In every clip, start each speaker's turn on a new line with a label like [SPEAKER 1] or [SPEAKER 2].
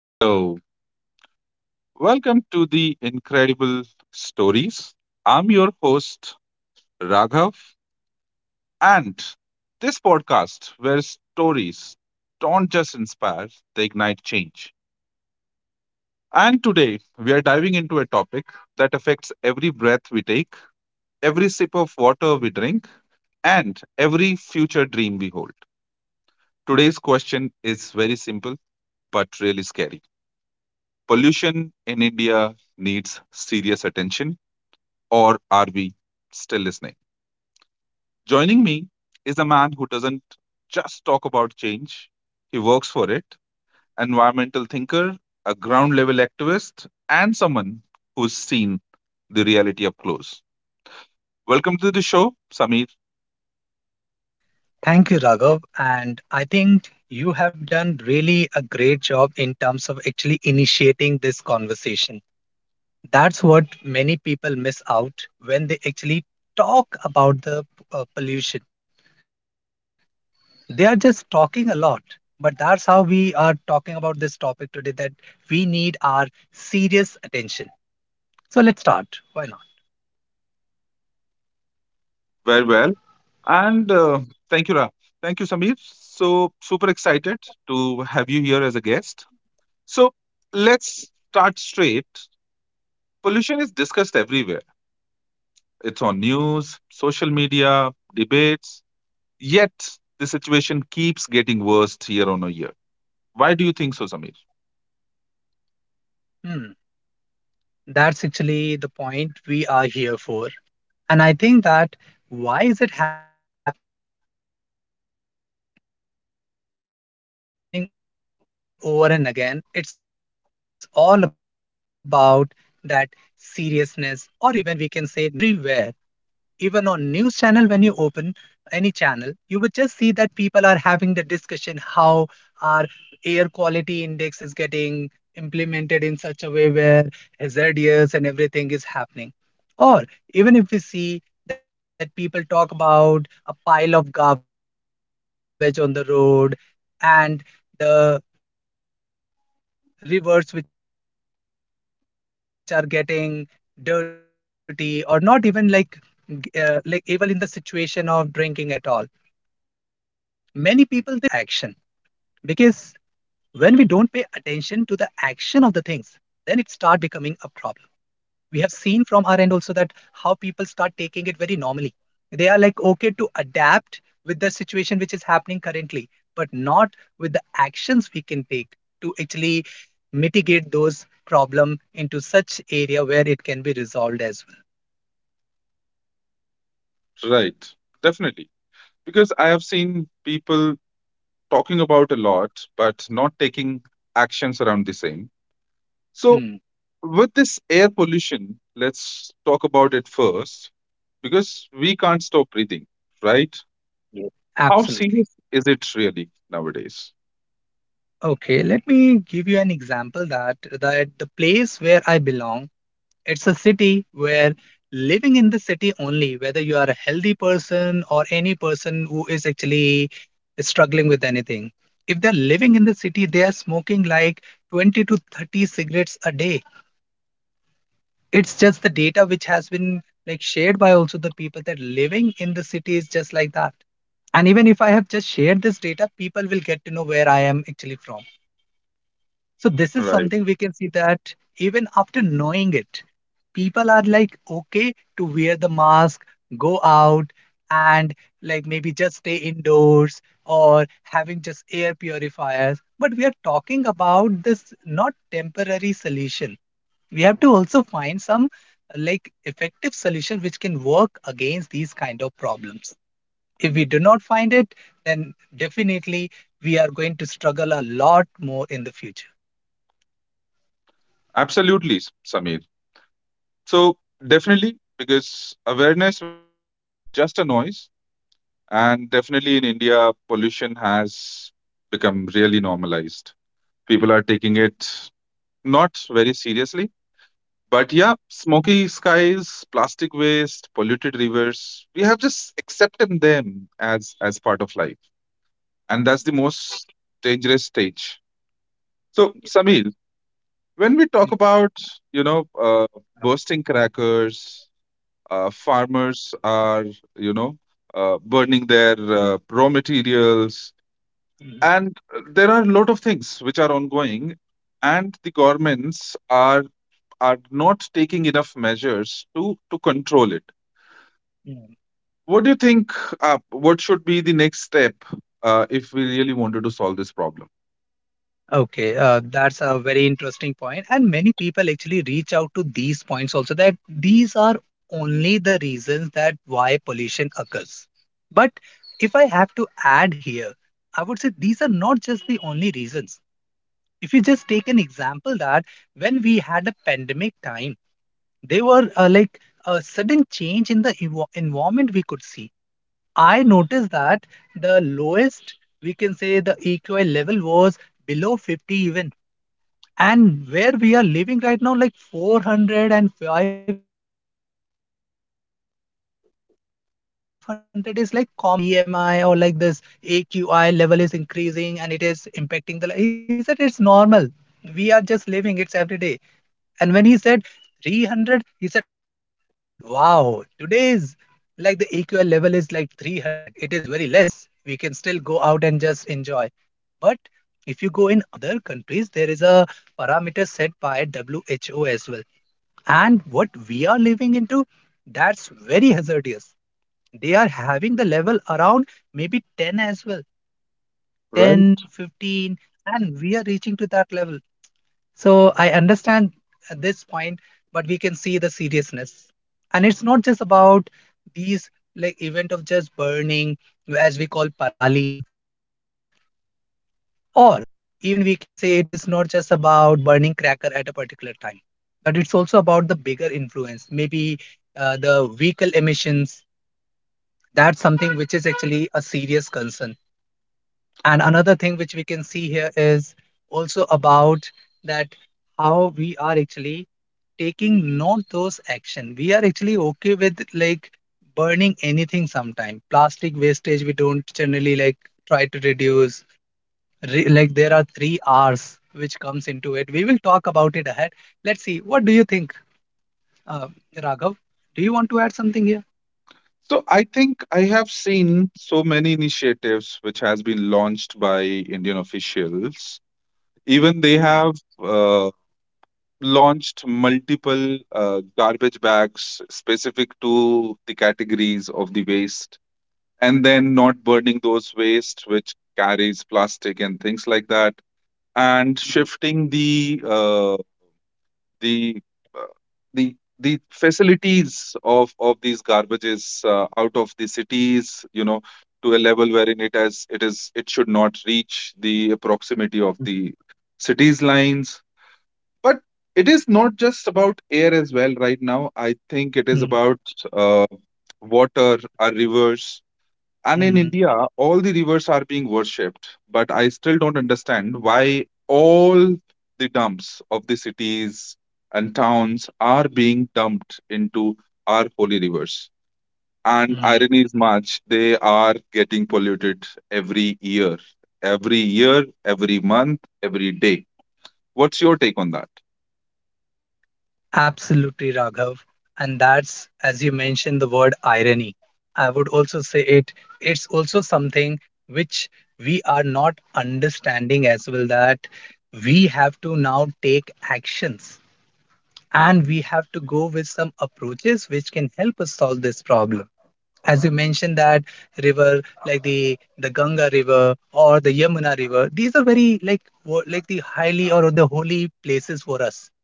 [SPEAKER 1] Hello, welcome to the Incredible Stories. I'm your host, Raghav, and this podcast where stories don't just inspire, they ignite change. And today we are diving into a topic that affects every breath we take, every sip of water we drink, and every future dream we hold. Today's question is very simple but really scary. Pollution in India needs serious attention or are we still listening? Joining me is a man who doesn't just talk about change, he works for it, environmental thinker, a ground level activist, and someone who's seen the reality up close. Welcome to the show, Samir.
[SPEAKER 2] Thank you, Raghav. And I think you have done really a great job in terms of actually initiating this conversation. That's what many people miss out when they actually talk about the pollution. They are just talking a lot. But that's how we are talking about this topic today that we need our serious attention. So let's start. Why not?
[SPEAKER 1] Very well. And Thank you, Ra. Thank you, Samir. So, super excited to have you here as a guest. So, let's start straight. Pollution is discussed everywhere. It's on news, social media, debates. Yet the situation keeps getting worse year on a year. Why do you think so, Samir?
[SPEAKER 2] Hmm. That's actually the point we are here for. And I think that why is it happening over and again? It's all about that seriousness, or even we can say normalization. If we see the topic, it has been discussed everywhere, even on news channel. When you open any channel, you would just see that people are having the discussion how our air quality index is getting implemented in such a way where hazardous and everything is happening. Or even if we see that people talk about a pile of garbage on the road, and the rivers which are getting dirty or not even like like able in the situation of drinking at all. Many people, they talk about it, but when the problem comes, here is not the action. Because when we don't pay attention to the action of the things, then it start becoming a problem. We have seen from our end also that how people start taking it very normally. They are like okay to adapt with the situation which is happening currently, but not with the actions we can take to actually mitigate those problem into such area where it can be resolved as well.
[SPEAKER 1] Right, definitely. Because I have seen people talking about a lot, but not taking actions around the same. So,
[SPEAKER 2] Hmm.
[SPEAKER 1] with this air pollution, let's talk about it first, because we can't stop breathing, right?
[SPEAKER 2] Yes.
[SPEAKER 1] How serious
[SPEAKER 2] Absolutely.
[SPEAKER 1] is it really nowadays?
[SPEAKER 2] Okay, let me give you an example that the place where I belong, it's a city where, living in the city only, whether you are a healthy person or any person who is actually struggling with anything. If they're living in the city, they are smoking like 20 to 30 cigarettes a day. It's just the data which has been like shared by also the people that living in the city is just like that. And even if I have just shared this data, people will get to know where I am actually from. So this is
[SPEAKER 1] Right.
[SPEAKER 2] something we can see that even after knowing it, people are like okay to wear the mask, go out, and like maybe just stay indoors or having just air purifiers. But we are talking about this not temporary solution. We have to also find some like effective solution which can work against these kind of problems. If we do not find it, then definitely we are going to struggle a lot more in the future.
[SPEAKER 1] Absolutely, Samir. So definitely, because awareness without action is just a noise. And definitely in India, pollution has become really normalized. People are taking it not very seriously. But
[SPEAKER 2] Mhm.
[SPEAKER 1] yeah, smoky skies, plastic waste, polluted rivers, we have just accepted them as part of life. And that's the most dangerous stage. So Samir, when we talk
[SPEAKER 2] Mm,
[SPEAKER 1] about, you know, uh, bursting crackers, farmers are you know burning their raw materials,
[SPEAKER 2] mhm,
[SPEAKER 1] and there are a lot of things which are ongoing, and the governments are not taking enough measures to control it.
[SPEAKER 2] mm.
[SPEAKER 1] What do you think what should be the next step if we really wanted to solve this problem?
[SPEAKER 2] Okay, that's a very interesting point, and many people actually reach out to these points also that these are only the reasons that why pollution occurs. But if I have to add here, I would say these are not just the only reasons. If you just take an example that when we had a pandemic time, there were like a sudden change in the environment we could see. I noticed that the lowest, we can say the EQI level was below 50 even, and where we are living right now like 400 and 500 is like common. Even I just talk with my friend and I ask that, do you know that PMI or like this AQI level is increasing and it is impacting the li-" He said, "It's normal. We are just living. It's every day." And when he said 300, he said, "Wow, today's like the AQI level is like 300. It is very less. We can still go out and just enjoy." But if you go in other countries, there is a parameters set by WHO as well. And what we are living into, that's very hazardous. They are having the level around maybe 10 as well,
[SPEAKER 1] Right.
[SPEAKER 2] 10, 15, and we are reaching to that level. So I understand at this point, but we can see the seriousness. And it's not just about these like event of just burning, as we call paralis, or even we can say it is not just about burning cracker at a particular time, but it's also about the bigger influence, maybe the vehicle emissions. That's something which is actually a serious concern. And another thing which we can see here is also about that how we are actually taking not those action. We are actually okay with like burning anything sometime. Plastic wastage, we don't generally like try to reduce, like there are 3 R's which comes into it. We will talk about it ahead. Let's see. What do you think, uh, Raghav? Do you want to add something here?
[SPEAKER 1] So I think I have seen so many initiatives which has been launched by Indian officials. Even they
[SPEAKER 2] Mhm,
[SPEAKER 1] have launched multiple garbage bags specific to the categories of the waste, and then not burning those waste which carries plastic and things like that, and
[SPEAKER 2] mhm,
[SPEAKER 1] shifting the uh, the the facilities of these garbages out of the cities, you know, to a level wherein it has it is it should not reach the proximity of the cities lines. But it is not just about air as well right now. I think it is about
[SPEAKER 2] mhm,
[SPEAKER 1] uh, water, our rivers. And in India,
[SPEAKER 2] mhm,
[SPEAKER 1] all the rivers are being worshipped. But I still don't understand why all the dumps of the cities and towns are being dumped into our holy rivers. And irony
[SPEAKER 2] mhm.
[SPEAKER 1] is much, they are getting polluted every year, every year, every month, every day. What's your take on that?
[SPEAKER 2] Absolutely, Raghav. And that's, as you mentioned, the word irony. I would also say it. It's also something which we are not understanding as well, that we have to now take actions, and we have to go with some approaches which can help us solve this problem. As you mentioned that river, like the ganga river or the yamuna river, these are very like like the highly or the holy places for us.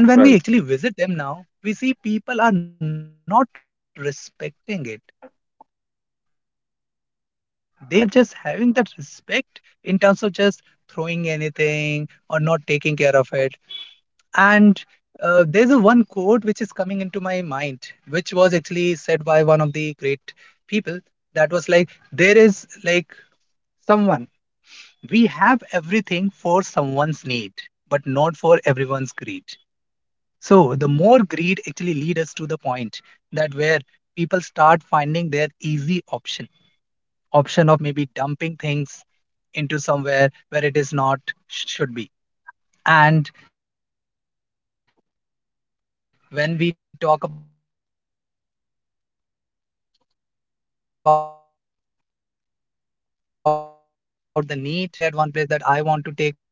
[SPEAKER 2] And when we actually visit them now, we see people are not respecting it. They are just having that respect in terms of just throwing anything or not taking care of it. And there's a one quote which is coming into my mind, which was actually said by one of the great people, that was like, there is like someone, we have everything for someone's need, but not for everyone's greed. So the more greed actually lead us to the point that where people start finding their easy option, option of maybe dumping things into somewhere where it is not should be. And when we talk about the need, then actually that's how we want like everything at one place, that I want to take it, so I will be just taking care of it.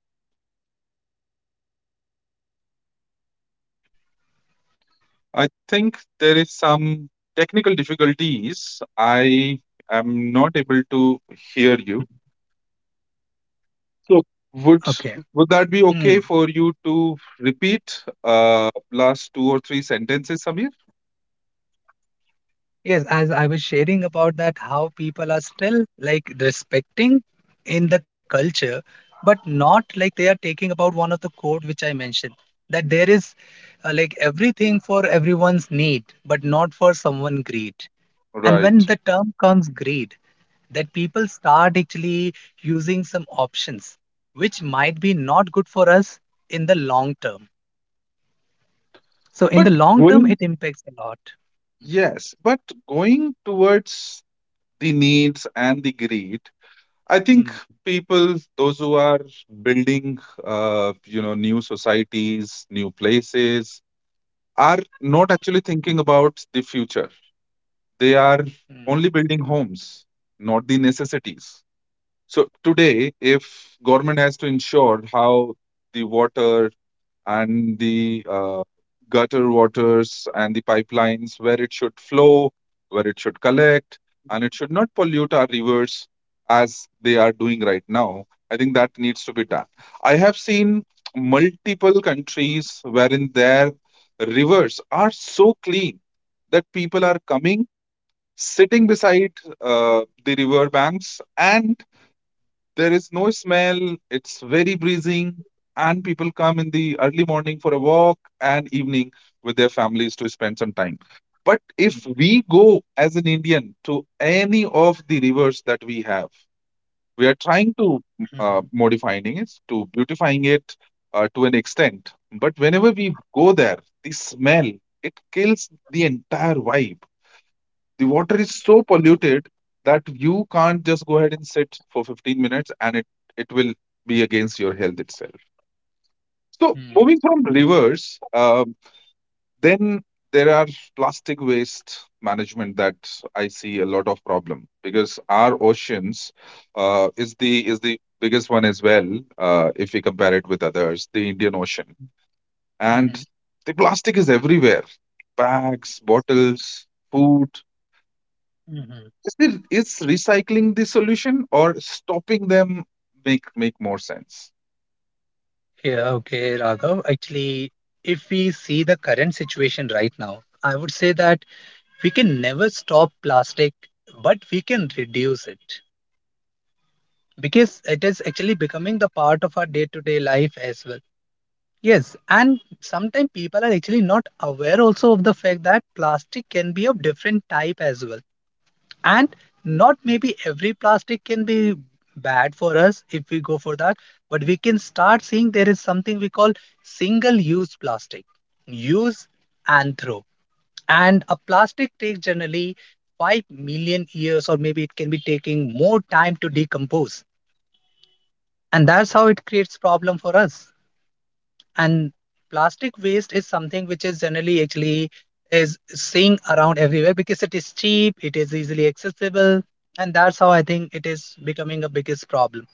[SPEAKER 2] So what do you say about it?
[SPEAKER 1] I think there is some technical difficulties. I am
[SPEAKER 2] Mhm.
[SPEAKER 1] not able to hear you.
[SPEAKER 2] Okay.
[SPEAKER 1] So would
[SPEAKER 2] Hmm.
[SPEAKER 1] that be okay for you to repeat last two or three sentences, Samir?
[SPEAKER 2] Yes, as I was sharing about that, how people are still like respecting in the culture, but not like they are taking about one of the quote which I mentioned, that there is like everything for everyone's need, but not for someone greed. And when
[SPEAKER 1] Right.
[SPEAKER 2] the term comes greed, that people start actually using some options which might be not good for us in the long term. So in
[SPEAKER 1] But
[SPEAKER 2] the long
[SPEAKER 1] going
[SPEAKER 2] term, it impacts a lot.
[SPEAKER 1] yes, but going towards the needs and the greed, I think
[SPEAKER 2] Mm,
[SPEAKER 1] people those who are building new societies, new places, are not actually thinking about the future. They are
[SPEAKER 2] mm,
[SPEAKER 1] only building homes, not the necessities. So today, if government has to ensure how the water, and the gutter waters and the pipelines where it should flow, where it should collect, and it
[SPEAKER 2] mm,
[SPEAKER 1] should not pollute our rivers as they are doing right now. I think that needs to be done. I have seen multiple countries wherein their rivers are so clean that people are coming, sitting beside the river banks, and there is no smell, it's very breezing, and people come in the early morning for a walk and evening with their families to spend some time. But if we go as an Indian to any of the rivers that we have, we are trying
[SPEAKER 2] mhm,
[SPEAKER 1] to modifying it, to beautifying it to an extent. But whenever we go there, the smell, it kills the entire vibe. The water is so polluted that you can't just go ahead and sit for 15 minutes, and it will be against your health itself. So
[SPEAKER 2] mm,
[SPEAKER 1] moving from rivers, then there are plastic waste management that I see a lot of problem because our oceans is the biggest one as well. If we compare it with others, the Indian Ocean, and
[SPEAKER 2] mhm,
[SPEAKER 1] the plastic is everywhere, bags, bottles, food.
[SPEAKER 2] mhm.
[SPEAKER 1] Is it is recycling the solution or stopping them make more sense?
[SPEAKER 2] Yeah, okay, Raghav. Actually, if we see the current situation right now, I would say that we can never stop plastic, but we can reduce it, because it is actually becoming the part of our day to day life as well. Yes, and sometimes people are actually not aware also of the fact that plastic can be of different type as well. And not maybe every plastic can be bad for us if we go for that, but we can start seeing there is something we call single use plastic. Use and throw. And a plastic takes generally 5 million years, or maybe it can be taking more time to decompose. And that's how it creates problem for us. And plastic waste is something which is generally actually is seeing around everywhere, because it is cheap, it is easily accessible. And that's how I think it is becoming a biggest problem.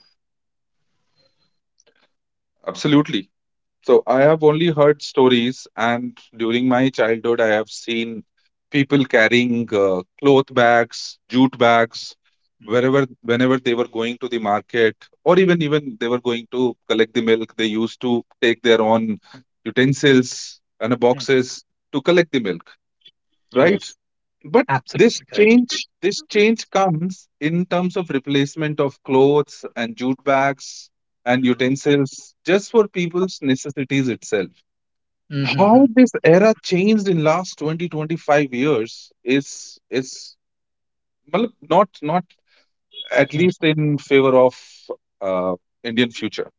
[SPEAKER 1] Absolutely. So I have only heard stories, and during my childhood, I have seen people carrying cloth bags, jute bags, wherever whenever they were going to the market, or even they were going to collect the milk. They used to take their own utensils and
[SPEAKER 2] Mhm.
[SPEAKER 1] boxes to collect the milk, right?
[SPEAKER 2] Yes,
[SPEAKER 1] But
[SPEAKER 2] absolutely
[SPEAKER 1] this
[SPEAKER 2] correct.
[SPEAKER 1] change, this change comes in terms of replacement of clothes and jute bags and
[SPEAKER 2] Mm-hmm.
[SPEAKER 1] utensils just for people's necessities itself.
[SPEAKER 2] Mm-hmm.
[SPEAKER 1] How this era changed in last 20 to 25 years is matlab, not at least in favor of uh, Indian future.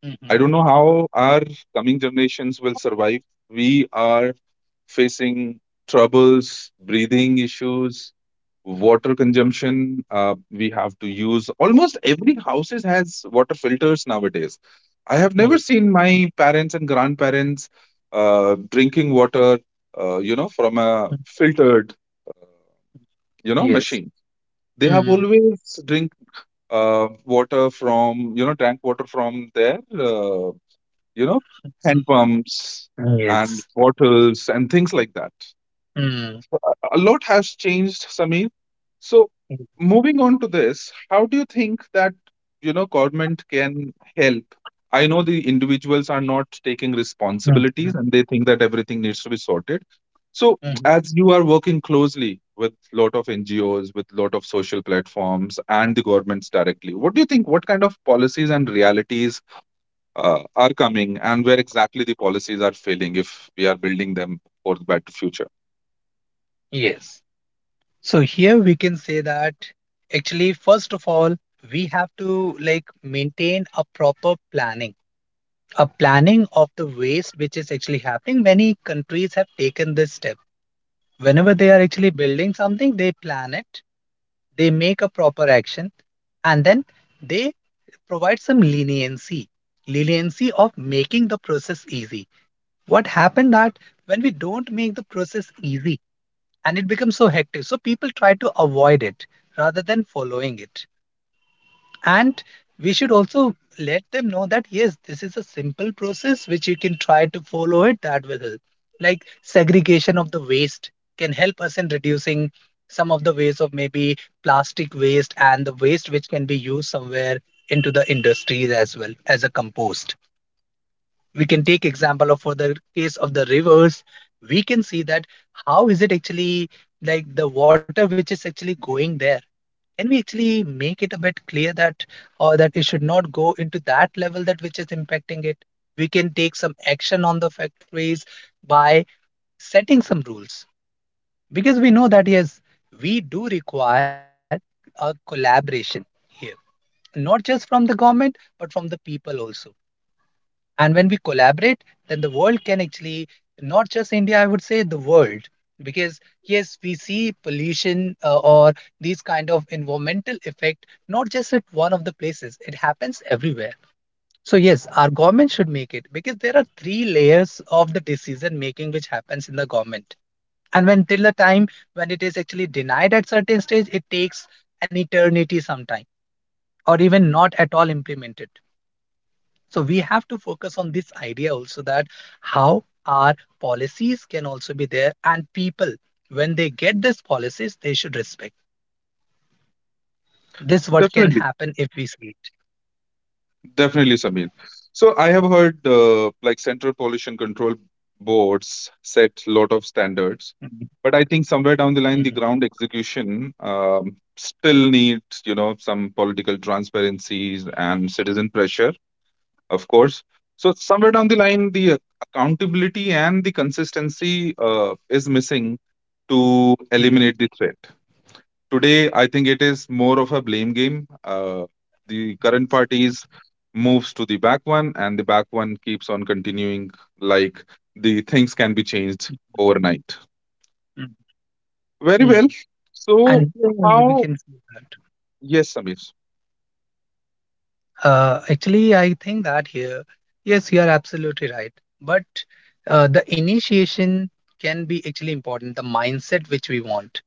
[SPEAKER 2] Hmm.
[SPEAKER 1] I don't know how our coming generations will survive. We are facing troubles, breathing issues, water consumption. We have to use almost every houses has water filters nowadays. I have never seen my parents and grandparents drinking water from a filtered,
[SPEAKER 2] Yes.
[SPEAKER 1] machine. They have
[SPEAKER 2] Mm.
[SPEAKER 1] always drink water from you know drank water from their uh, you know
[SPEAKER 2] Yes.
[SPEAKER 1] hand pumps
[SPEAKER 2] Mm. Mm.
[SPEAKER 1] and
[SPEAKER 2] Yes.
[SPEAKER 1] bottles and things like that.
[SPEAKER 2] Mm.
[SPEAKER 1] A lot has changed, Sameer. So,
[SPEAKER 2] Mm.
[SPEAKER 1] moving on to this, how do you think that, you know, government can help? I know the individuals are not taking
[SPEAKER 2] Mm.
[SPEAKER 1] responsibilities and they think that everything needs to be sorted. So,
[SPEAKER 2] Mm.
[SPEAKER 1] as you are working closely with lot of NGOs, with lot of social platforms, and the governments directly, what do you think? What kind of policies and realities are coming, and where exactly the policies are failing if we are building them for the better future?
[SPEAKER 2] Yes. So here we can say that actually, first of all, we have to like maintain a proper planning, a planning of the waste which is actually happening. Many countries have taken this step. Whenever they are actually building something, they plan it, they make a proper action, and then they provide some leniency, leniency of making the process easy. What happened that when we don't make the process easy, and it becomes so hectic, so people try to avoid it rather than following it. And we should also let them know that yes, this is a simple process which you can try to follow it, that will help. Like segregation of the waste can help us in reducing some of the waste of maybe plastic waste, and the waste which can be used somewhere into the industries as well as a compost. We can take example of for the case of the rivers. We can see that how is it actually like the water which is actually going there, can we actually make it a bit clear that, or that it should not go into that level that which is impacting it. We can take some action on the factories by setting some rules, because we know that yes, we do require a collaboration here, not just from the government but from the people also. And when we collaborate, then the world can actually, not just India, I would say the world. Because yes, we see pollution or these kind of environmental effect, not just at one of the places. It happens everywhere. So yes, our government should make it, because there are 3 layers of the decision making which happens in the government. And when till the time when it is actually denied at certain stage, it takes an eternity sometime, or even not at all implemented. So we have to focus on this idea also that how our policies can also be there, and people, when they get these policies, they should respect. This what can
[SPEAKER 1] Definitely.
[SPEAKER 2] happen if we see it.
[SPEAKER 1] Definitely, Samir. So I have heard like Central Pollution Control Boards set lot of standards,
[SPEAKER 2] Mhm,
[SPEAKER 1] but I think somewhere down the line,
[SPEAKER 2] mhm,
[SPEAKER 1] the ground execution still needs, you know, some political transparencies and citizen pressure, of course. So somewhere down the line, the accountability and the consistency is missing to
[SPEAKER 2] mhm,
[SPEAKER 1] eliminate the threat. Today, I think it is more of a blame game. The current parties moves to the back one, and the back one keeps on continuing like the things can be changed overnight.
[SPEAKER 2] mhm,
[SPEAKER 1] Very well.
[SPEAKER 2] mhm.
[SPEAKER 1] So,
[SPEAKER 2] And here only we
[SPEAKER 1] how?
[SPEAKER 2] can see that
[SPEAKER 1] Yes, Samir.
[SPEAKER 2] actually I think that here, yes, you are absolutely right. But the initiation can be actually important, the mindset which we want.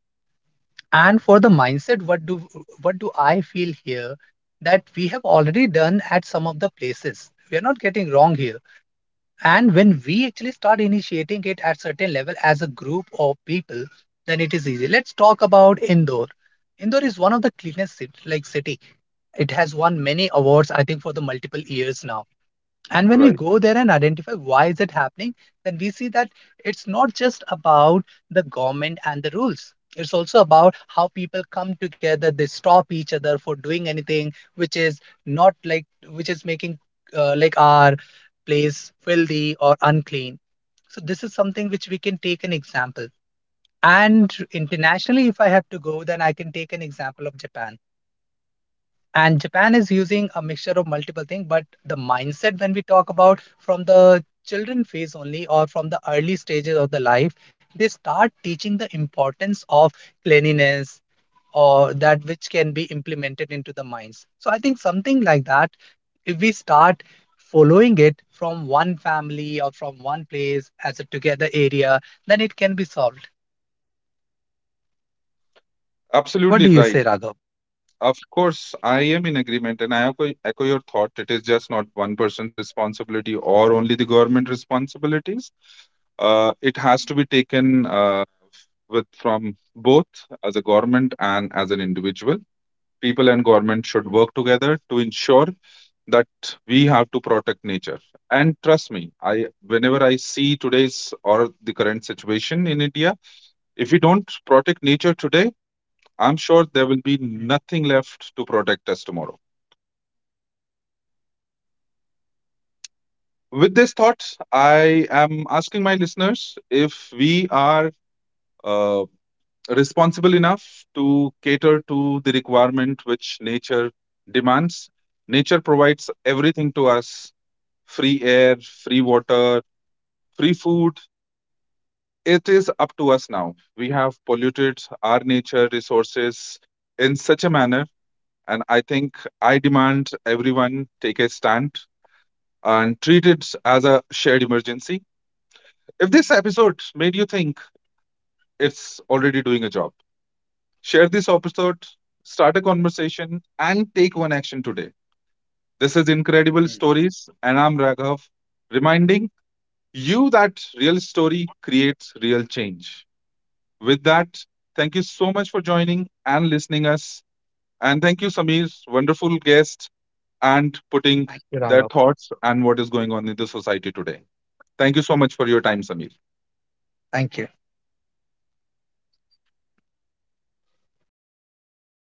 [SPEAKER 2] And for the mindset, what do I feel here, that we have already done at some of the places. We are not getting wrong here. And when we actually start initiating it at certain level as a group of people, then it is easy. Let's talk about Indore. Indore is one of the cleanest like city. It has won many awards, I think, for the multiple years now. And when we
[SPEAKER 1] Right.
[SPEAKER 2] go there and identify why is it happening, then we see that it's not just about the government and the rules, it's also about how people come together, they stop each other for doing anything which is not like, which is making like our place filthy or unclean. So this is something which we can take an example. And internationally, if I have to go, then I can take an example of Japan. And Japan is using a mixture of multiple things, but the mindset, when we talk about from the children phase only or from the early stages of the life, they start teaching the importance of cleanliness, or that which can be implemented into the minds. So I think something like that, if we start following it from one family or from one place as a together area, then it can be solved. What
[SPEAKER 1] Absolutely
[SPEAKER 2] do you say,
[SPEAKER 1] right.
[SPEAKER 2] Raghav?
[SPEAKER 1] Of course, I am in agreement and I echo your thought. It is just not one person's responsibility or only the government responsibilities. It has to be taken with from both as a government and as an individual. People and government should work together to ensure that we have to protect nature. And trust me, I whenever I see today's or the current situation in India, if we don't protect nature today, I'm sure there will be nothing left to protect us tomorrow.
[SPEAKER 2] Mm, mm,
[SPEAKER 1] With this thought, I am asking my listeners if we are uh, responsible enough to cater to the requirement which nature demands. Nature provides everything to us, free air, free water, free food. It is up to us now. We have polluted our nature resources in such a manner, and I think I demand everyone take a stand and treat it as a shared emergency. If this episode made you think, it's already doing a job. Share this episode, start a conversation, and take one action today. This is Incredible
[SPEAKER 2] mm, mm.
[SPEAKER 1] Stories, and I'm Raghav, reminding you that real story creates real change. With that, thank you so much for joining and listening us. And thank you, Samir, wonderful guest, and putting
[SPEAKER 2] Thank you,
[SPEAKER 1] their
[SPEAKER 2] Raghav.
[SPEAKER 1] thoughts and what is going on in the society today. Thank you so much for your time, Samir.
[SPEAKER 2] Thank you.